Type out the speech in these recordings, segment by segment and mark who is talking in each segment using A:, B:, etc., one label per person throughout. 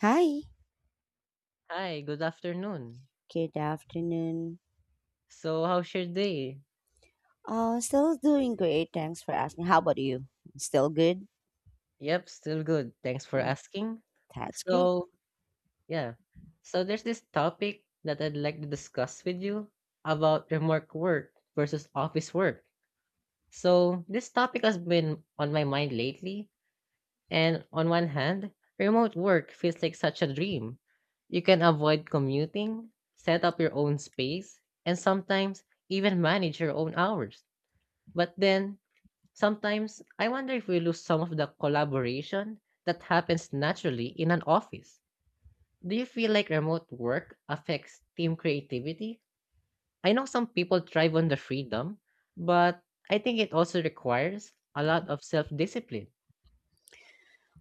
A: Hi,
B: Hi, good afternoon.
A: good afternoon.
B: So, how's your day?
A: Oh, still doing great. Thanks for asking. How about you? Still good?
B: Yep, still good. Thanks for
A: Mm.
B: asking.
A: That's great.
B: So, yeah. So, there's this topic that I'd like to discuss with you about remote work versus office work. So, this topic has been on my mind lately. And on one hand, remote work feels like such a dream. You can avoid commuting, set up your own space, and sometimes even manage your own hours. But then, sometimes I wonder if we lose some of the collaboration that happens naturally in an office. Do you feel like remote work affects team creativity? I know some people thrive on the freedom, but I think it also requires a lot of self discipline.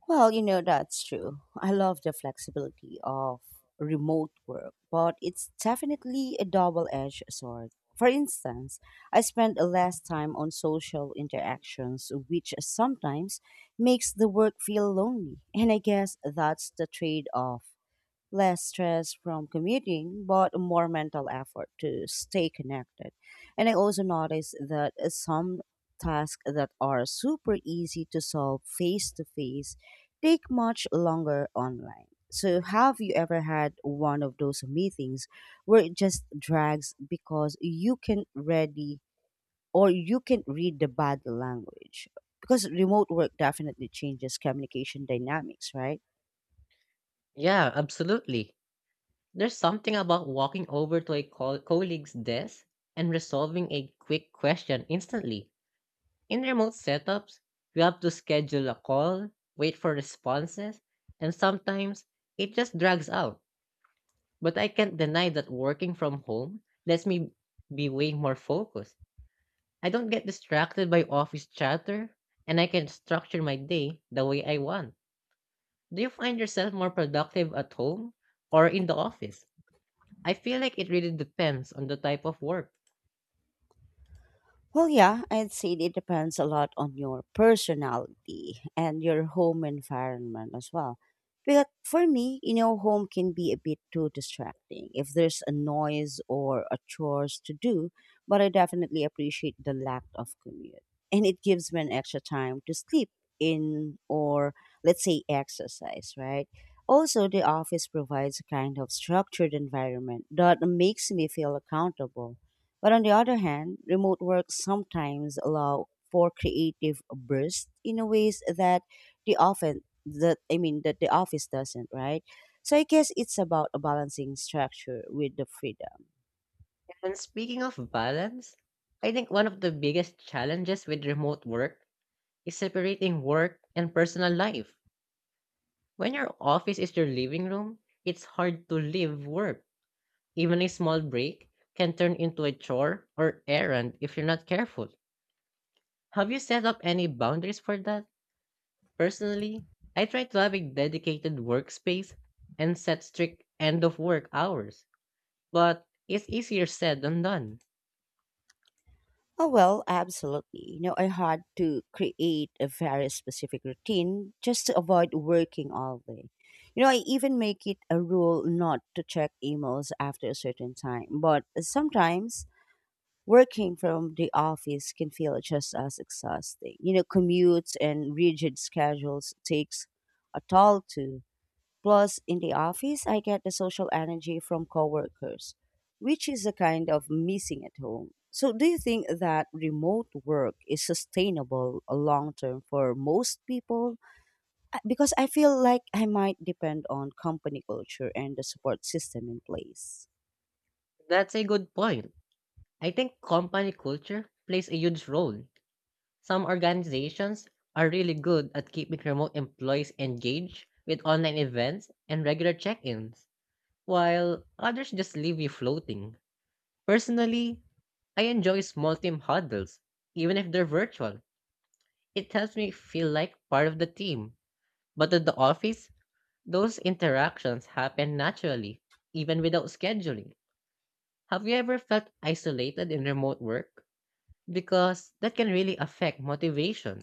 A: Well, you know, that's true. I love the flexibility of remote work, but it's definitely a double edged sword. For instance, I spend less time on social interactions, which sometimes makes the work feel lonely. And I guess that's the trade off, less stress from commuting, but more mental effort to stay connected. And I also noticed that some tasks that are super easy to solve face to face take much longer online. So, have you ever had one of those meetings where it just drags because you can ready or you can read the body language? Because remote work definitely changes communication dynamics, right?
B: Yeah, absolutely. There's something about walking over to a colleague's desk and resolving a quick question instantly. In remote setups, you have to schedule a call, wait for responses, and sometimes it just drags out. But I can't deny that working from home lets me be way more focused. I don't get distracted by office chatter, and I can structure my day the way I want. Do you find yourself more productive at home or in the office? I feel like it really depends on the type of work.
A: Well, yeah, I'd say it depends a lot on your personality and your home environment as well. But for me, you know, home can be a bit too distracting if there's a noise or a chores to do, but I definitely appreciate the lack of commute. And it gives me an extra time to sleep in, or let's say exercise, right? Also, the office provides a kind of structured environment that makes me feel accountable. But on the other hand, remote work sometimes allow for creative bursts in a ways that the often that I mean that the office doesn't, right? So I guess it's about balancing structure with the freedom.
B: And speaking of balance, I think one of the biggest challenges with remote work is separating work and personal life. When your office is your living room, it's hard to leave work. Even a small break can turn into a chore or errand if you're not careful. Have you set up any boundaries for that? Personally, I try to have a dedicated workspace and set strict end of work hours, but it's easier said than done.
A: Oh well, absolutely. You know, I had to create a very specific routine just to avoid working all day. You know, I even make it a rule not to check emails after a certain time, but sometimes working from the office can feel just as exhausting. You know, commutes and rigid schedules takes a toll too. Plus, in the office, I get the social energy from coworkers, which is a kind of missing at home. So, do you think that remote work is sustainable long term for most people? Because I feel like I might depend on company culture and the support system in place.
B: That's a good point. I think company culture plays a huge role. Some organizations are really good at keeping remote employees engaged with online events and regular check ins, while others just leave you floating. Personally, I enjoy small team huddles, even if they're virtual. It helps me feel like part of the team. But at the office, those interactions happen naturally, even without scheduling. Have you ever felt isolated in remote work? Because that can really affect motivation.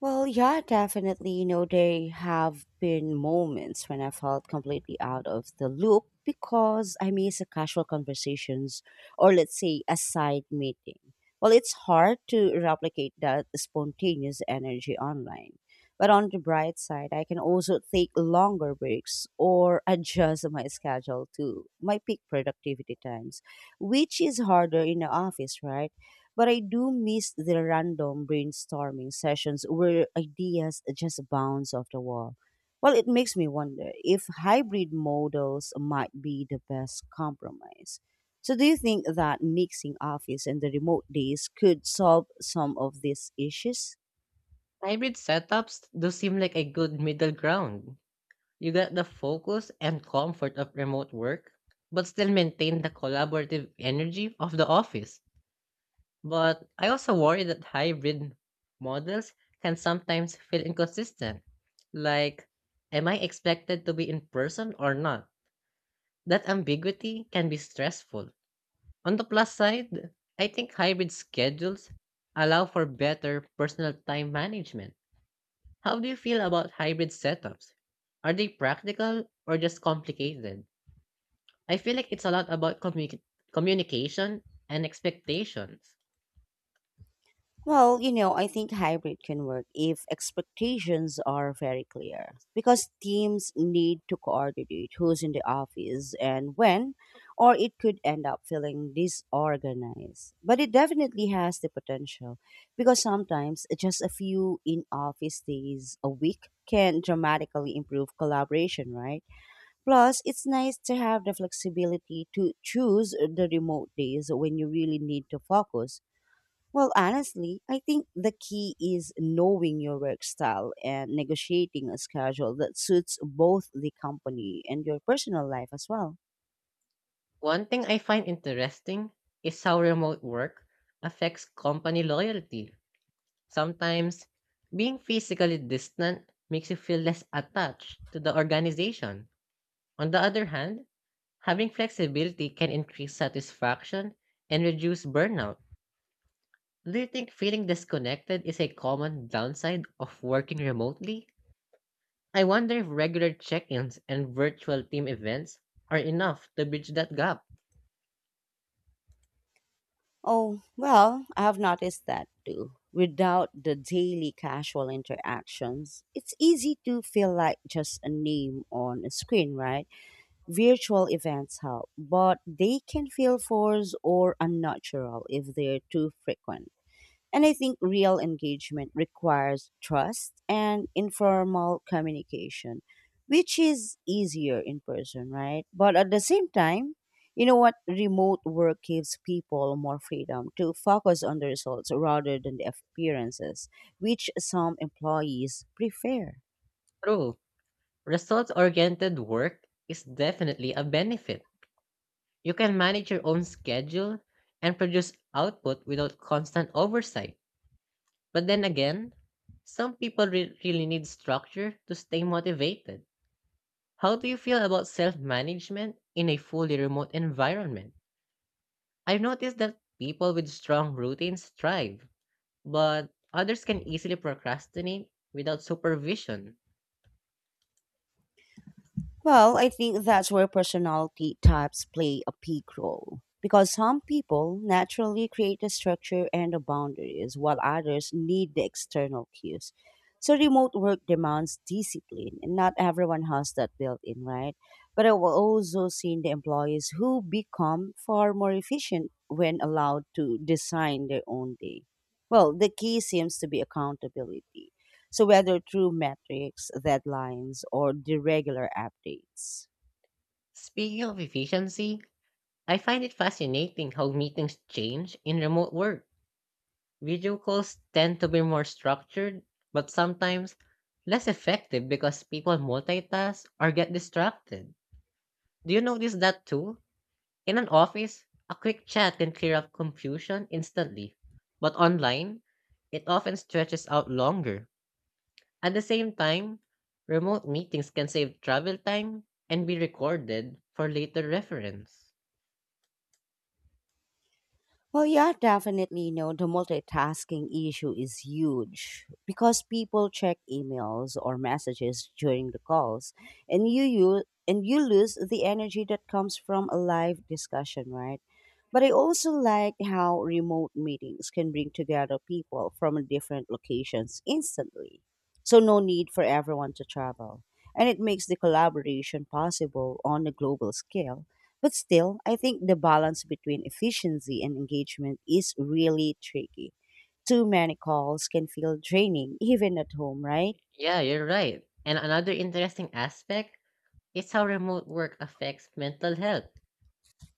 A: Well, yeah, definitely. You know, there have been moments when I felt completely out of the loop because I miss a casual conversations, or let's say a side meeting. Well, it's hard to replicate that spontaneous energy online. But on the bright side, I can also take longer breaks or adjust my schedule to my peak productivity times, which is harder in the office, right? But I do miss the random brainstorming sessions where ideas just bounce off the wall. Well, it makes me wonder if hybrid models might be the best compromise. So, do you think that mixing office and the remote days could solve some of these issues?
B: Hybrid setups do seem like a good middle ground. You get the focus and comfort of remote work, but still maintain the collaborative energy of the office. But I also worry that hybrid models can sometimes feel inconsistent. Like, am I expected to be in person or not? That ambiguity can be stressful. On the plus side, I think hybrid schedules allow for better personal time management. How do you feel about hybrid setups? Are they practical or just complicated? I feel like it's a lot about communication and expectations.
A: Well, you know, I think hybrid can work if expectations are very clear because teams need to coordinate who's in the office and when, or it could end up feeling disorganized. But it definitely has the potential because sometimes just a few in office days a week can dramatically improve collaboration, right? Plus, it's nice to have the flexibility to choose the remote days when you really need to focus. Well, honestly, I think the key is knowing your work style and negotiating a schedule that suits both the company and your personal life as well.
B: One thing I find interesting is how remote work affects company loyalty. Sometimes being physically distant makes you feel less attached to the organization. On the other hand, having flexibility can increase satisfaction and reduce burnout. Do you think feeling disconnected is a common downside of working remotely? I wonder if regular check ins and virtual team events are enough to bridge that gap.
A: Oh, well, I have noticed that too. Without the daily casual interactions, it's easy to feel like just a name on a screen, right? Virtual events help, but they can feel forced or unnatural if they're too frequent. And I think real engagement requires trust and informal communication, which is easier in person, right? But at the same time, you know what? Remote work gives people more freedom to focus on the results rather than the appearances, which some employees prefer.
B: True, results oriented work is definitely a benefit. You can manage your own schedule and produce output without constant oversight. But then again, some people really need structure to stay motivated. How do you feel about self management in a fully remote environment? I've noticed that people with strong routines thrive, but others can easily procrastinate without supervision.
A: Well, I think that's where personality types play a big role. Because some people naturally create the structure and the boundaries, while others need the external cues. So, remote work demands discipline, and not everyone has that built in, right? But I've also seen the employees who become far more efficient when allowed to design their own day. Well, the key seems to be accountability, so whether through metrics, deadlines, or the regular updates.
B: Speaking of efficiency, I find it fascinating how meetings change in remote work. Video calls tend to be more structured, but sometimes less effective because people multitask or get distracted. Do you notice that too? In an office, a quick chat can clear up confusion instantly, but online, it often stretches out longer. At the same time, remote meetings can save travel time and be recorded for later reference.
A: Well, yeah, definitely. You know, the multitasking issue is huge because people check emails or messages during the calls, and you lose the energy that comes from a live discussion, right? But I also like how remote meetings can bring together people from different locations instantly. So no need for everyone to travel, and it makes the collaboration possible on a global scale. But still, I think the balance between efficiency and engagement is really tricky. Too many calls can feel draining, even at home, right?
B: Yeah, you're right. And another interesting aspect is how remote work affects mental health.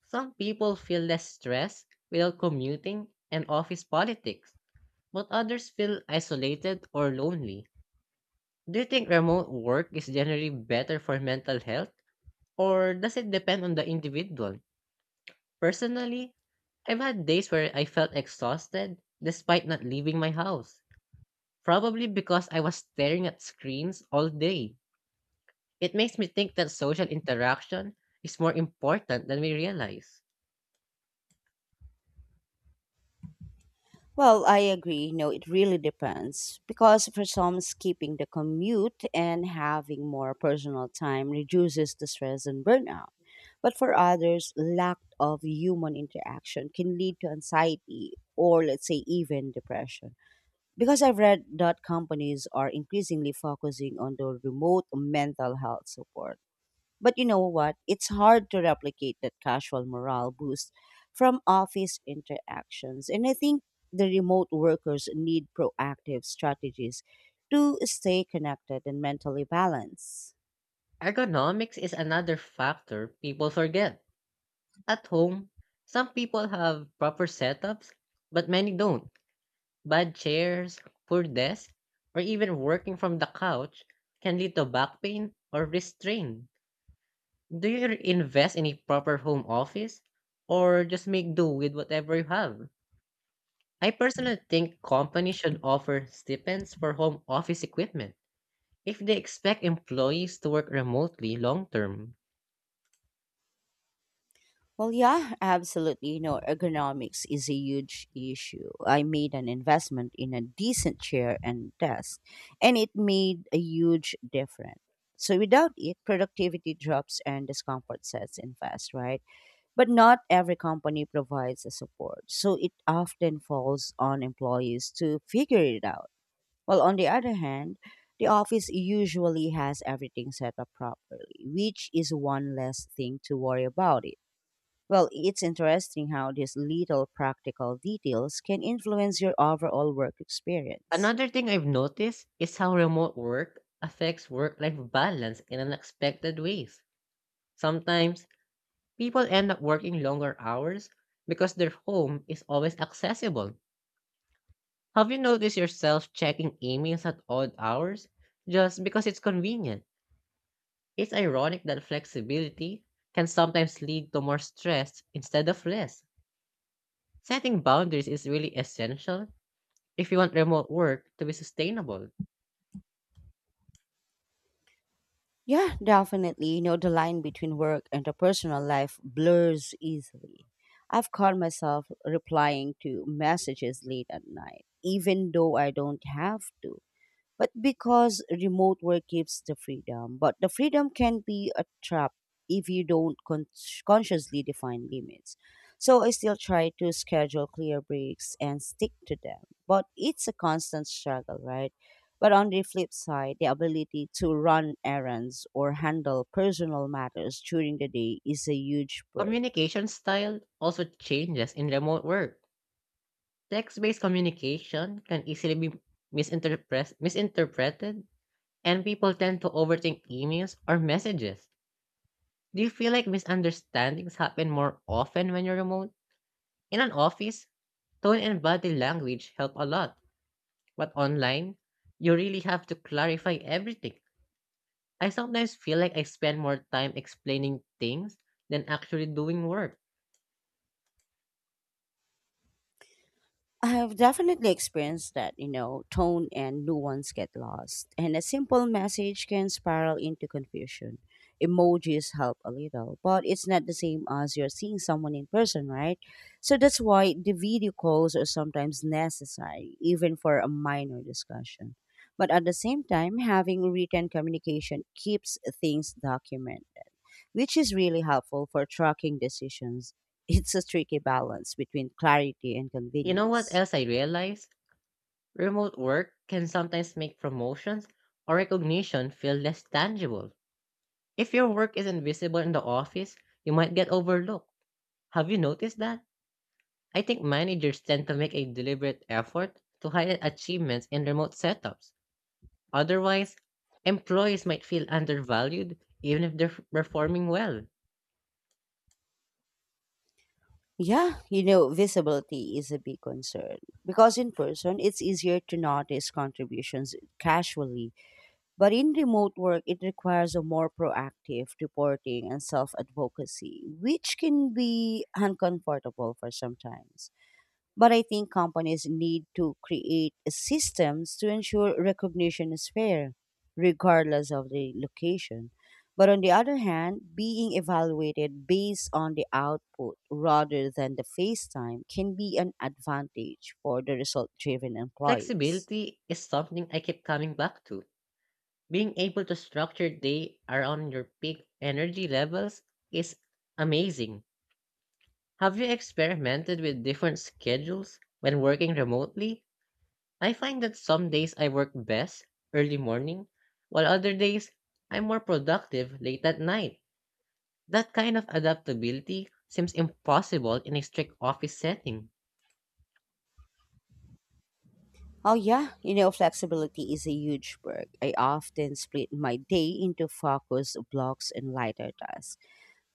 B: Some people feel less stressed without commuting and office politics, but others feel isolated or lonely. Do you think remote work is generally better for mental health, or does it depend on the individual? Personally, I've had days where I felt exhausted despite not leaving my house, probably because I was staring at screens all day. It makes me think that social interaction is more important than we realize.
A: Well, I agree. No, it really depends. Because for some, skipping the commute and having more personal time reduces the stress and burnout. But for others, lack of human interaction can lead to anxiety or, let's say, even depression. Because I've read that companies are increasingly focusing on the remote mental health support. But you know what? It's hard to replicate that casual morale boost from office interactions. And I think the remote workers need proactive strategies to stay connected and mentally balanced.
B: Ergonomics is another factor people forget. At home, some people have proper setups, but many don't. Bad chairs, poor desks, or even working from the couch can lead to back pain or wrist strain. Do you invest in a proper home office or just make do with whatever you have? I personally think companies should offer stipends for home office equipment if they expect employees to work remotely long term.
A: Well, yeah, absolutely. You know, ergonomics is a huge issue. I made an investment in a decent chair and desk, and it made a huge difference. So, without it, productivity drops and discomfort sets in fast, right? But not every company provides the support. So, it often falls on employees to figure it out. Well, on the other hand, the office usually has everything set up properly, which is one less thing to worry about. Well, it's interesting how these little practical details can influence your overall work experience.
B: Another thing I've noticed is how remote work affects work life balance in unexpected ways. Sometimes people end up working longer hours because their home is always accessible. Have you noticed yourself checking emails at odd hours just because it's convenient? It's ironic that flexibility can sometimes lead to more stress instead of less. Setting boundaries is really essential if you want remote work to be sustainable.
A: Yeah, definitely. You know, the line between work and the personal life blurs easily. I've caught myself replying to messages late at night, even though I don't have to. But because remote work gives the freedom, but the freedom can be a trap if you don't con- consciously define limits. So I still try to schedule clear breaks and stick to them, but it's a constant struggle, right? But on the flip side, the ability to run errands or handle personal matters during the day is a huge perk.
B: Communication style also changes in remote work. Text based communication can easily be misinterpreted, and people tend to overthink emails or messages. Do you feel like misunderstandings happen more often when you're remote? In an office, tone and body language help a lot, but online, you really have to clarify everything. I sometimes feel like I spend more time explaining things than actually doing work.
A: I have definitely experienced that, you know, tone and nuance get lost, and a simple message can spiral into confusion. Emojis help a little, but it's not the same as you're seeing someone in person, right? So that's why the video calls are sometimes necessary, even for a minor discussion. But at the same time, having written communication keeps things documented, which is really helpful for tracking decisions. It's a tricky balance between clarity and
B: You know what
A: convenience.
B: else I realize? Remote work can sometimes make promotions or recognition feel less tangible. If your work isn't visible in the office, you might get overlooked. Have you noticed that? I think managers tend to make a deliberate effort to highlight achievements in remote setups. Otherwise, employees might feel undervalued even if they're performing well.
A: Yeah, you know, visibility is a big concern because in person it's easier to notice contributions casually, but in remote work it requires a more proactive reporting and self advocacy, which can be uncomfortable for sometimes. But I think companies need to create systems to ensure recognition is fair, regardless of the location. But on the other hand, being evaluated based on the output rather than the face time can be an advantage for the result driven employees.
B: Flexibility is something I keep coming back to. Being able to structure your day around your peak energy levels is amazing. Have you experimented with different schedules when working remotely? I find that some days I work best early morning, while other days I'm more productive late at night. That kind of adaptability seems impossible in a strict office setting.
A: Oh, yeah, you know, flexibility is a huge perk. I often split my day into focus blocks and lighter tasks.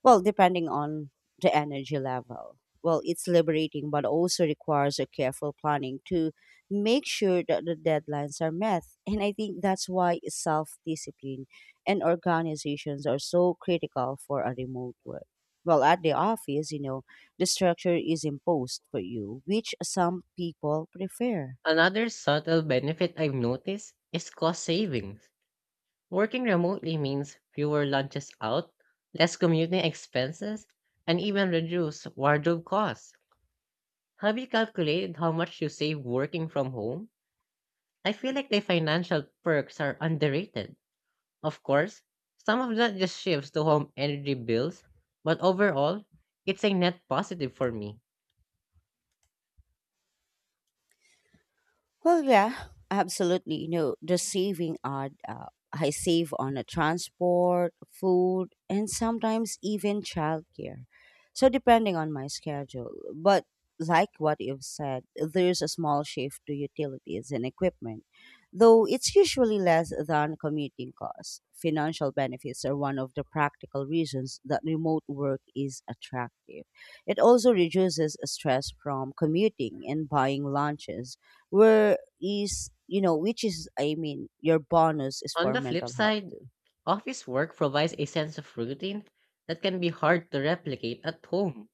A: Well, depending on the energy level. Well, it's liberating, but also requires a careful planning to make sure that the deadlines are met. And I think that's why self discipline and organizations are so critical for a remote work. Well, at the office, you know, the structure is imposed for you, which some people prefer.
B: Another subtle benefit I've noticed is cost savings. Working remotely means fewer lunches out, less commuting expenses, and even reduced wardrobe costs. Have you calculated how much you save working from home? I feel like the financial perks are underrated. Of course, some of that just shifts to home energy bills, but overall, it's a net positive for me.
A: Well, yeah, absolutely. You know, the saving I save on a transport, food, and sometimes even childcare. So depending on my schedule. But like what you've said, there's a small shift to utilities and equipment, though it's usually less than commuting costs. Financial benefits are one of the practical reasons that remote work is attractive. It also reduces stress from commuting and buying lunches where is, you know, which is, I mean your bonus is
B: On
A: for
B: the flip
A: mental health
B: side,
A: too.
B: office work provides a sense of routine that can be hard to replicate at home.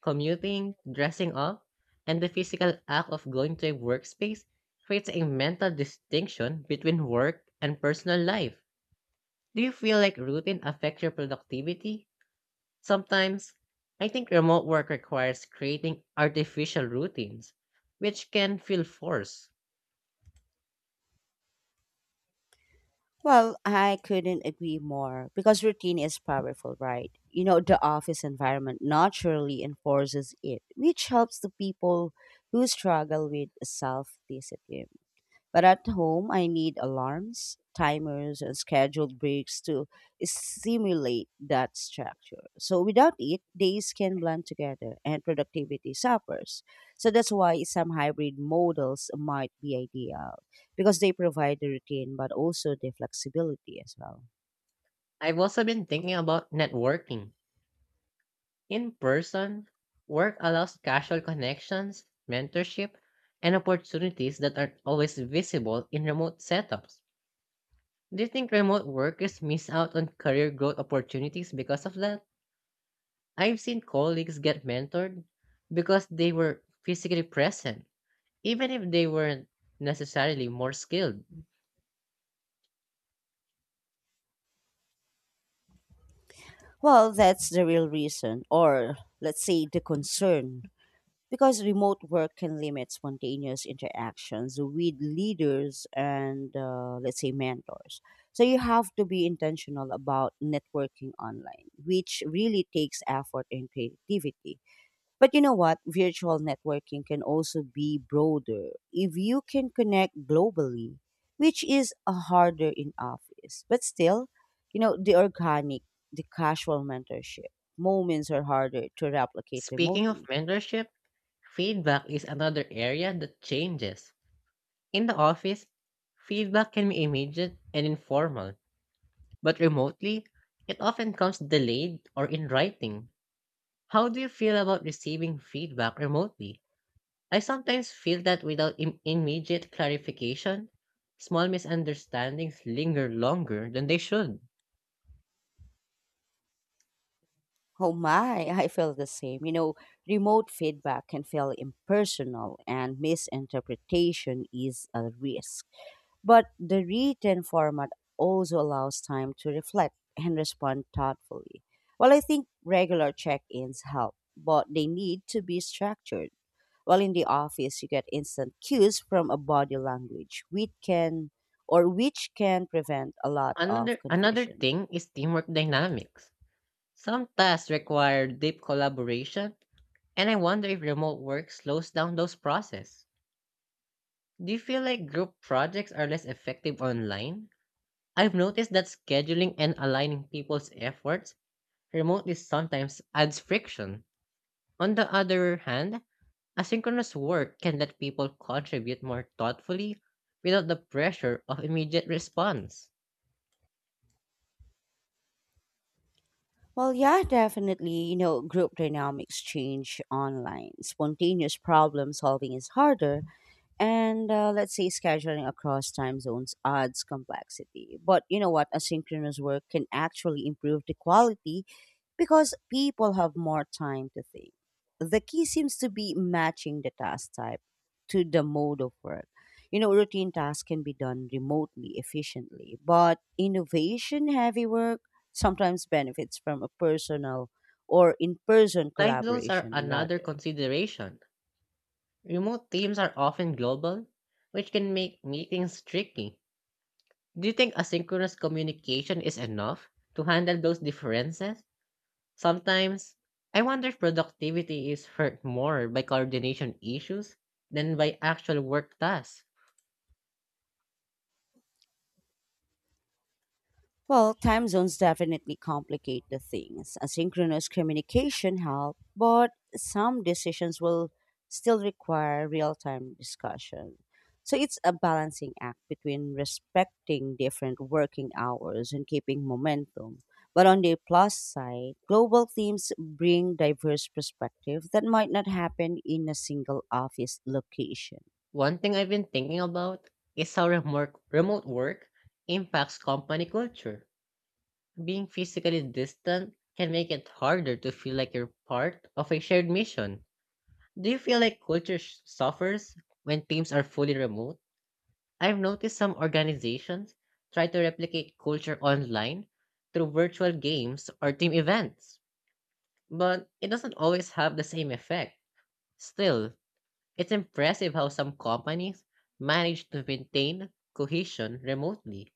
B: Commuting, dressing up, and the physical act of going to a workspace creates a mental distinction between work and personal life. Do you feel like routine affects your productivity? Sometimes, I think remote work requires creating artificial routines, which can feel forced.
A: Well, I couldn't agree more because routine is powerful, right? You know, the office environment naturally enforces it, which helps the people who struggle with self-discipline. But at home, I need alarms, timers, and scheduled breaks to stimulate that structure. So without it, days can blend together and productivity suffers. So that's why some hybrid models might be ideal because they provide the routine but also the flexibility as well.
B: I've also been thinking about networking. In person, work allows casual connections, mentorship, and opportunities that aren't always visible in remote setups. Do you think remote workers miss out on career growth opportunities because of that? I've seen colleagues get mentored because they were physically present even if they weren't necessarily more skilled.
A: Well, that's the real reason, or let's say the concern, because remote work can limit spontaneous interactions with leaders and let's say mentors, so you have to be intentional about networking online, which really takes effort and creativity. But you know what, virtual networking can also be broader if you can connect globally, which is a harder in office. But still, you know, the casual mentorship moments are harder to replicate
B: Speaking of
A: remotely.
B: mentorship, feedback is another area that changes. In the office, feedback can be immediate and informal, but remotely, it often comes delayed or in writing. How do you feel about receiving feedback remotely? I sometimes feel that without immediate clarification, small misunderstandings linger longer than they should.
A: Oh my, I feel the same. You know, remote feedback can feel impersonal and misinterpretation is a risk. But the written format also allows time to reflect and respond thoughtfully. Well, I think regular check ins help, but they need to be structured. While in the office, you get instant cues from a body language, which can prevent a lot of
B: Another
A: confusion.
B: thing is teamwork dynamics. Some tasks require deep collaboration, and I wonder if remote work slows down those processes. Do you feel like group projects are less effective online? I've noticed that scheduling and aligning people's efforts remotely sometimes adds friction. On the other hand, asynchronous work can let people contribute more thoughtfully without the pressure of immediate response.
A: Well, yeah, definitely. You know, group dynamics change online. Spontaneous problem solving is harder, and let's say scheduling across time zones adds complexity. But you know what? Asynchronous work can actually improve the quality because people have more time to think. The key seems to be matching the task type to the mode of work. You know, routine tasks can be done remotely efficiently, but innovation heavy work sometimes benefits from a personal or in person
B: Time zones are
A: collaboration
B: another
A: rather.
B: consideration. Remote teams are often global, which can make meetings tricky. Do you think asynchronous communication is enough to handle those differences? Sometimes, I wonder if productivity is hurt more by coordination issues than by actual work tasks.
A: Well, time zones definitely complicate the things. Asynchronous communication help, but some decisions will still require real-time discussion. So it's a balancing act between respecting different working hours and keeping momentum. But on the plus side, global themes bring diverse perspective that might not happen in a single office location.
B: One thing I've been thinking about is how remote work impacts company culture. Being physically distant can make it harder to feel like you're part of a shared mission. Do you feel like culture suffers when teams are fully remote? I've noticed some organizations try to replicate culture online through virtual games or team events, but it doesn't always have the same effect. Still, it's impressive how some companies manage to maintain cohesion remotely.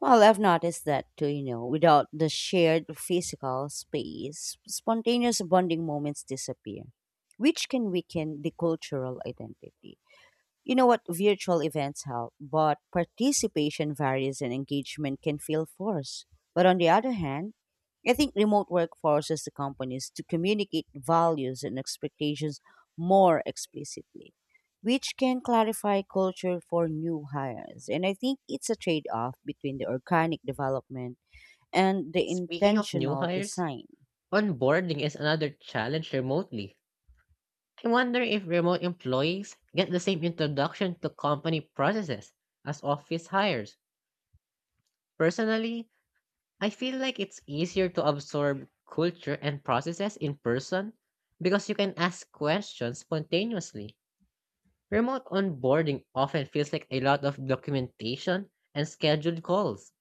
A: Well, I've noticed that too, you know, without the shared physical space, spontaneous bonding moments disappear, which can weaken the cultural identity. You know what, virtual events help, but participation varies and engagement can feel forced. But on the other hand, I think remote work forces the companies to communicate values and expectations more explicitly, which can clarify culture for new hires. And I think it's a trade off between the organic development and the
B: Speaking of new
A: intentional
B: hires,
A: design.
B: onboarding is another challenge remotely. I wonder if remote employees get the same introduction to company processes as office hires. Personally, I feel like it's easier to absorb culture and processes in person because you can ask questions spontaneously. Remote onboarding often feels like a lot of documentation and scheduled calls.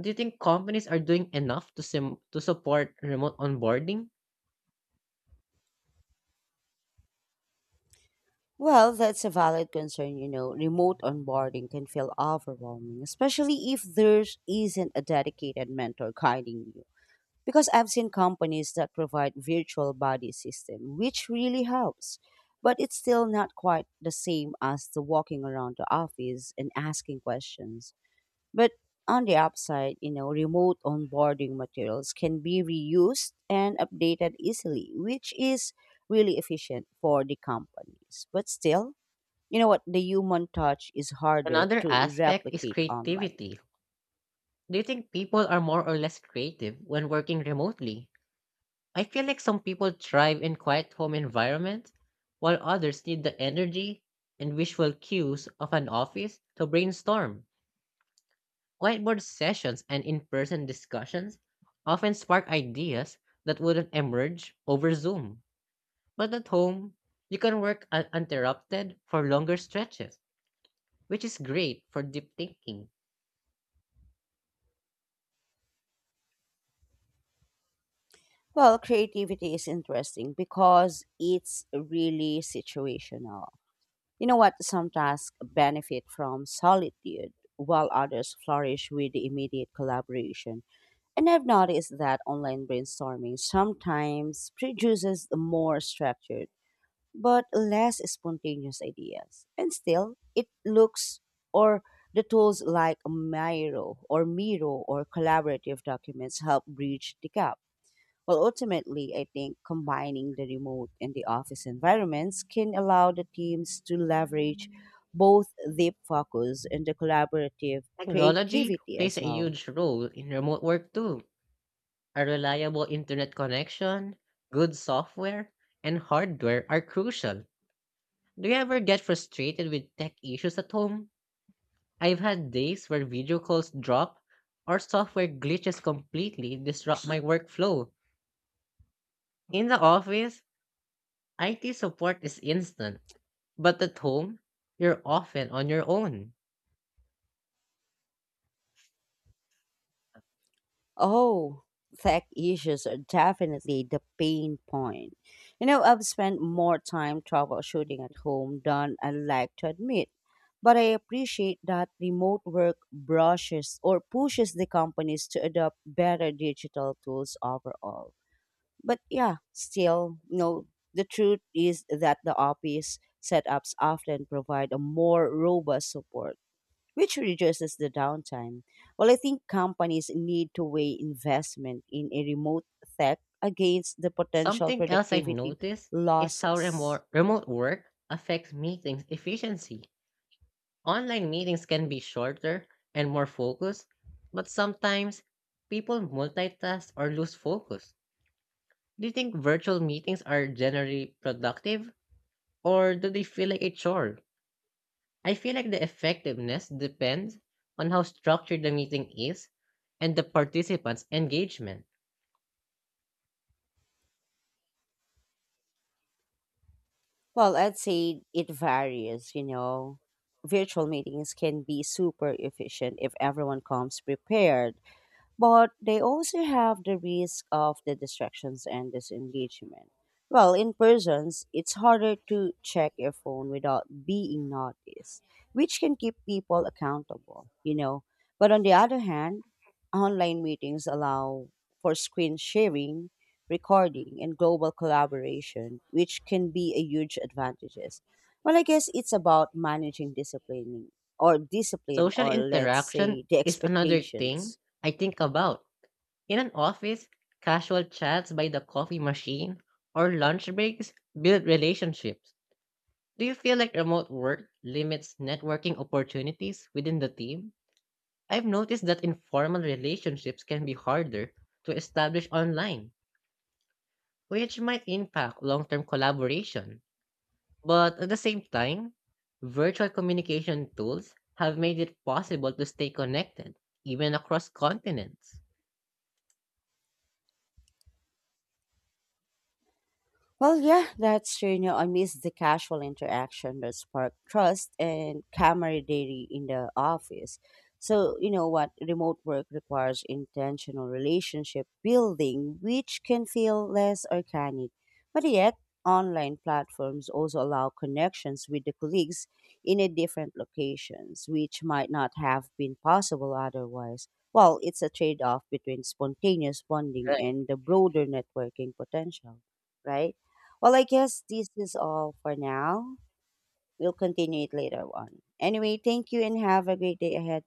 B: Do you think companies are doing enough to, to support remote onboarding?
A: Well, that's a valid concern. You know, remote onboarding can feel overwhelming, especially if there isn't a dedicated mentor guiding you. Because I've seen companies that provide virtual body system, which really helps. But it's still not quite the same as the walking around the office and asking questions. But on the upside, you know, remote onboarding materials can be reused and updated easily, which is really efficient for the companies. But still, you know what? The human touch is harder
B: Another
A: to
B: aspect is
A: replicate online.
B: creativity. Do you think people are more or less creative when working remotely? I feel like some people thrive in quiet home environments, while others need the energy and visual cues of an office to brainstorm. Whiteboard sessions and in person discussions often spark ideas that wouldn't emerge over Zoom. But at home, you can work uninterrupted for longer stretches, which is great for deep thinking.
A: Well, creativity is interesting because it's really situational. You know what? Some tasks benefit from solitude, while others flourish with the immediate collaboration. And I've noticed that online brainstorming sometimes produces more structure but less spontaneous ideas. And still, it looks or the tools like Miro or collaborative documents help bridge the gap. Well, ultimately, I think combining the remote and the office environments can allow the teams to leverage both deep focus and the collaborative
B: Technology
A: creativity
B: plays
A: as
B: a
A: well.
B: huge role in remote work too. A reliable internet connection, good software, and hardware are crucial. Do you ever get frustrated with tech issues at home? I've had days where video calls drop or software glitches completely disrupt my workflow. In the office, IT support is instant, but at home, you're often on your own.
A: Oh, tech issues are definitely the pain point. You know, I've spent more time troubleshooting at home than I like to admit. But I appreciate that remote work brushes or pushes the companies to adopt better digital tools overall. But yeah, still, you know, the truth is that the office setups often provide a more robust support which reduces the downtime. Well, I think companies need to weigh investment in a remote tech against the potential
B: Something else I
A: productivity
B: noticed is how
A: losses.
B: remote work affects meetings efficiency. Online meetings can be shorter and more focused, but sometimes people multitask or lose focus. Do you think virtual meetings are generally productive or do they feel like a chore? I feel like the effectiveness depends on how structured the meeting is and the participants' engagement.
A: Well, I'd say it varies, you know. Virtual meetings can be super efficient if everyone comes prepared, but they also have the risk of the distractions and disengagement. Well, in persons, it's harder to check your phone without being noticed, which can keep people accountable, you know. But on the other hand, online meetings allow for screen sharing, recording, and global collaboration, which can be a huge advantages. Well, I guess it's about managing disciplining or discipline,
B: Social
A: or let's
B: interaction
A: say the
B: is another thing
A: expectations.
B: I think about. In an office, casual chats by the coffee machine or lunch breaks build relationships. Do you feel like remote work limits networking opportunities within the team? I've noticed that informal relationships can be harder to establish online, which might impact long term collaboration. But at the same time, virtual communication tools have made it possible to stay connected, even across continents.
A: Well, yeah, that's true. You know, I miss the casual interaction that sparked trust and camaraderie in the office. So, you know what? Remote work requires intentional relationship building, which can feel less organic. But yet, online platforms also allow connections with the colleagues in a different locations, which might not have been possible otherwise. Well, it's a trade off between spontaneous bonding
B: Right.
A: and the broader networking potential, right? Well, I guess this is all for now. We'll continue it later on. Anyway, thank you and have a great day ahead.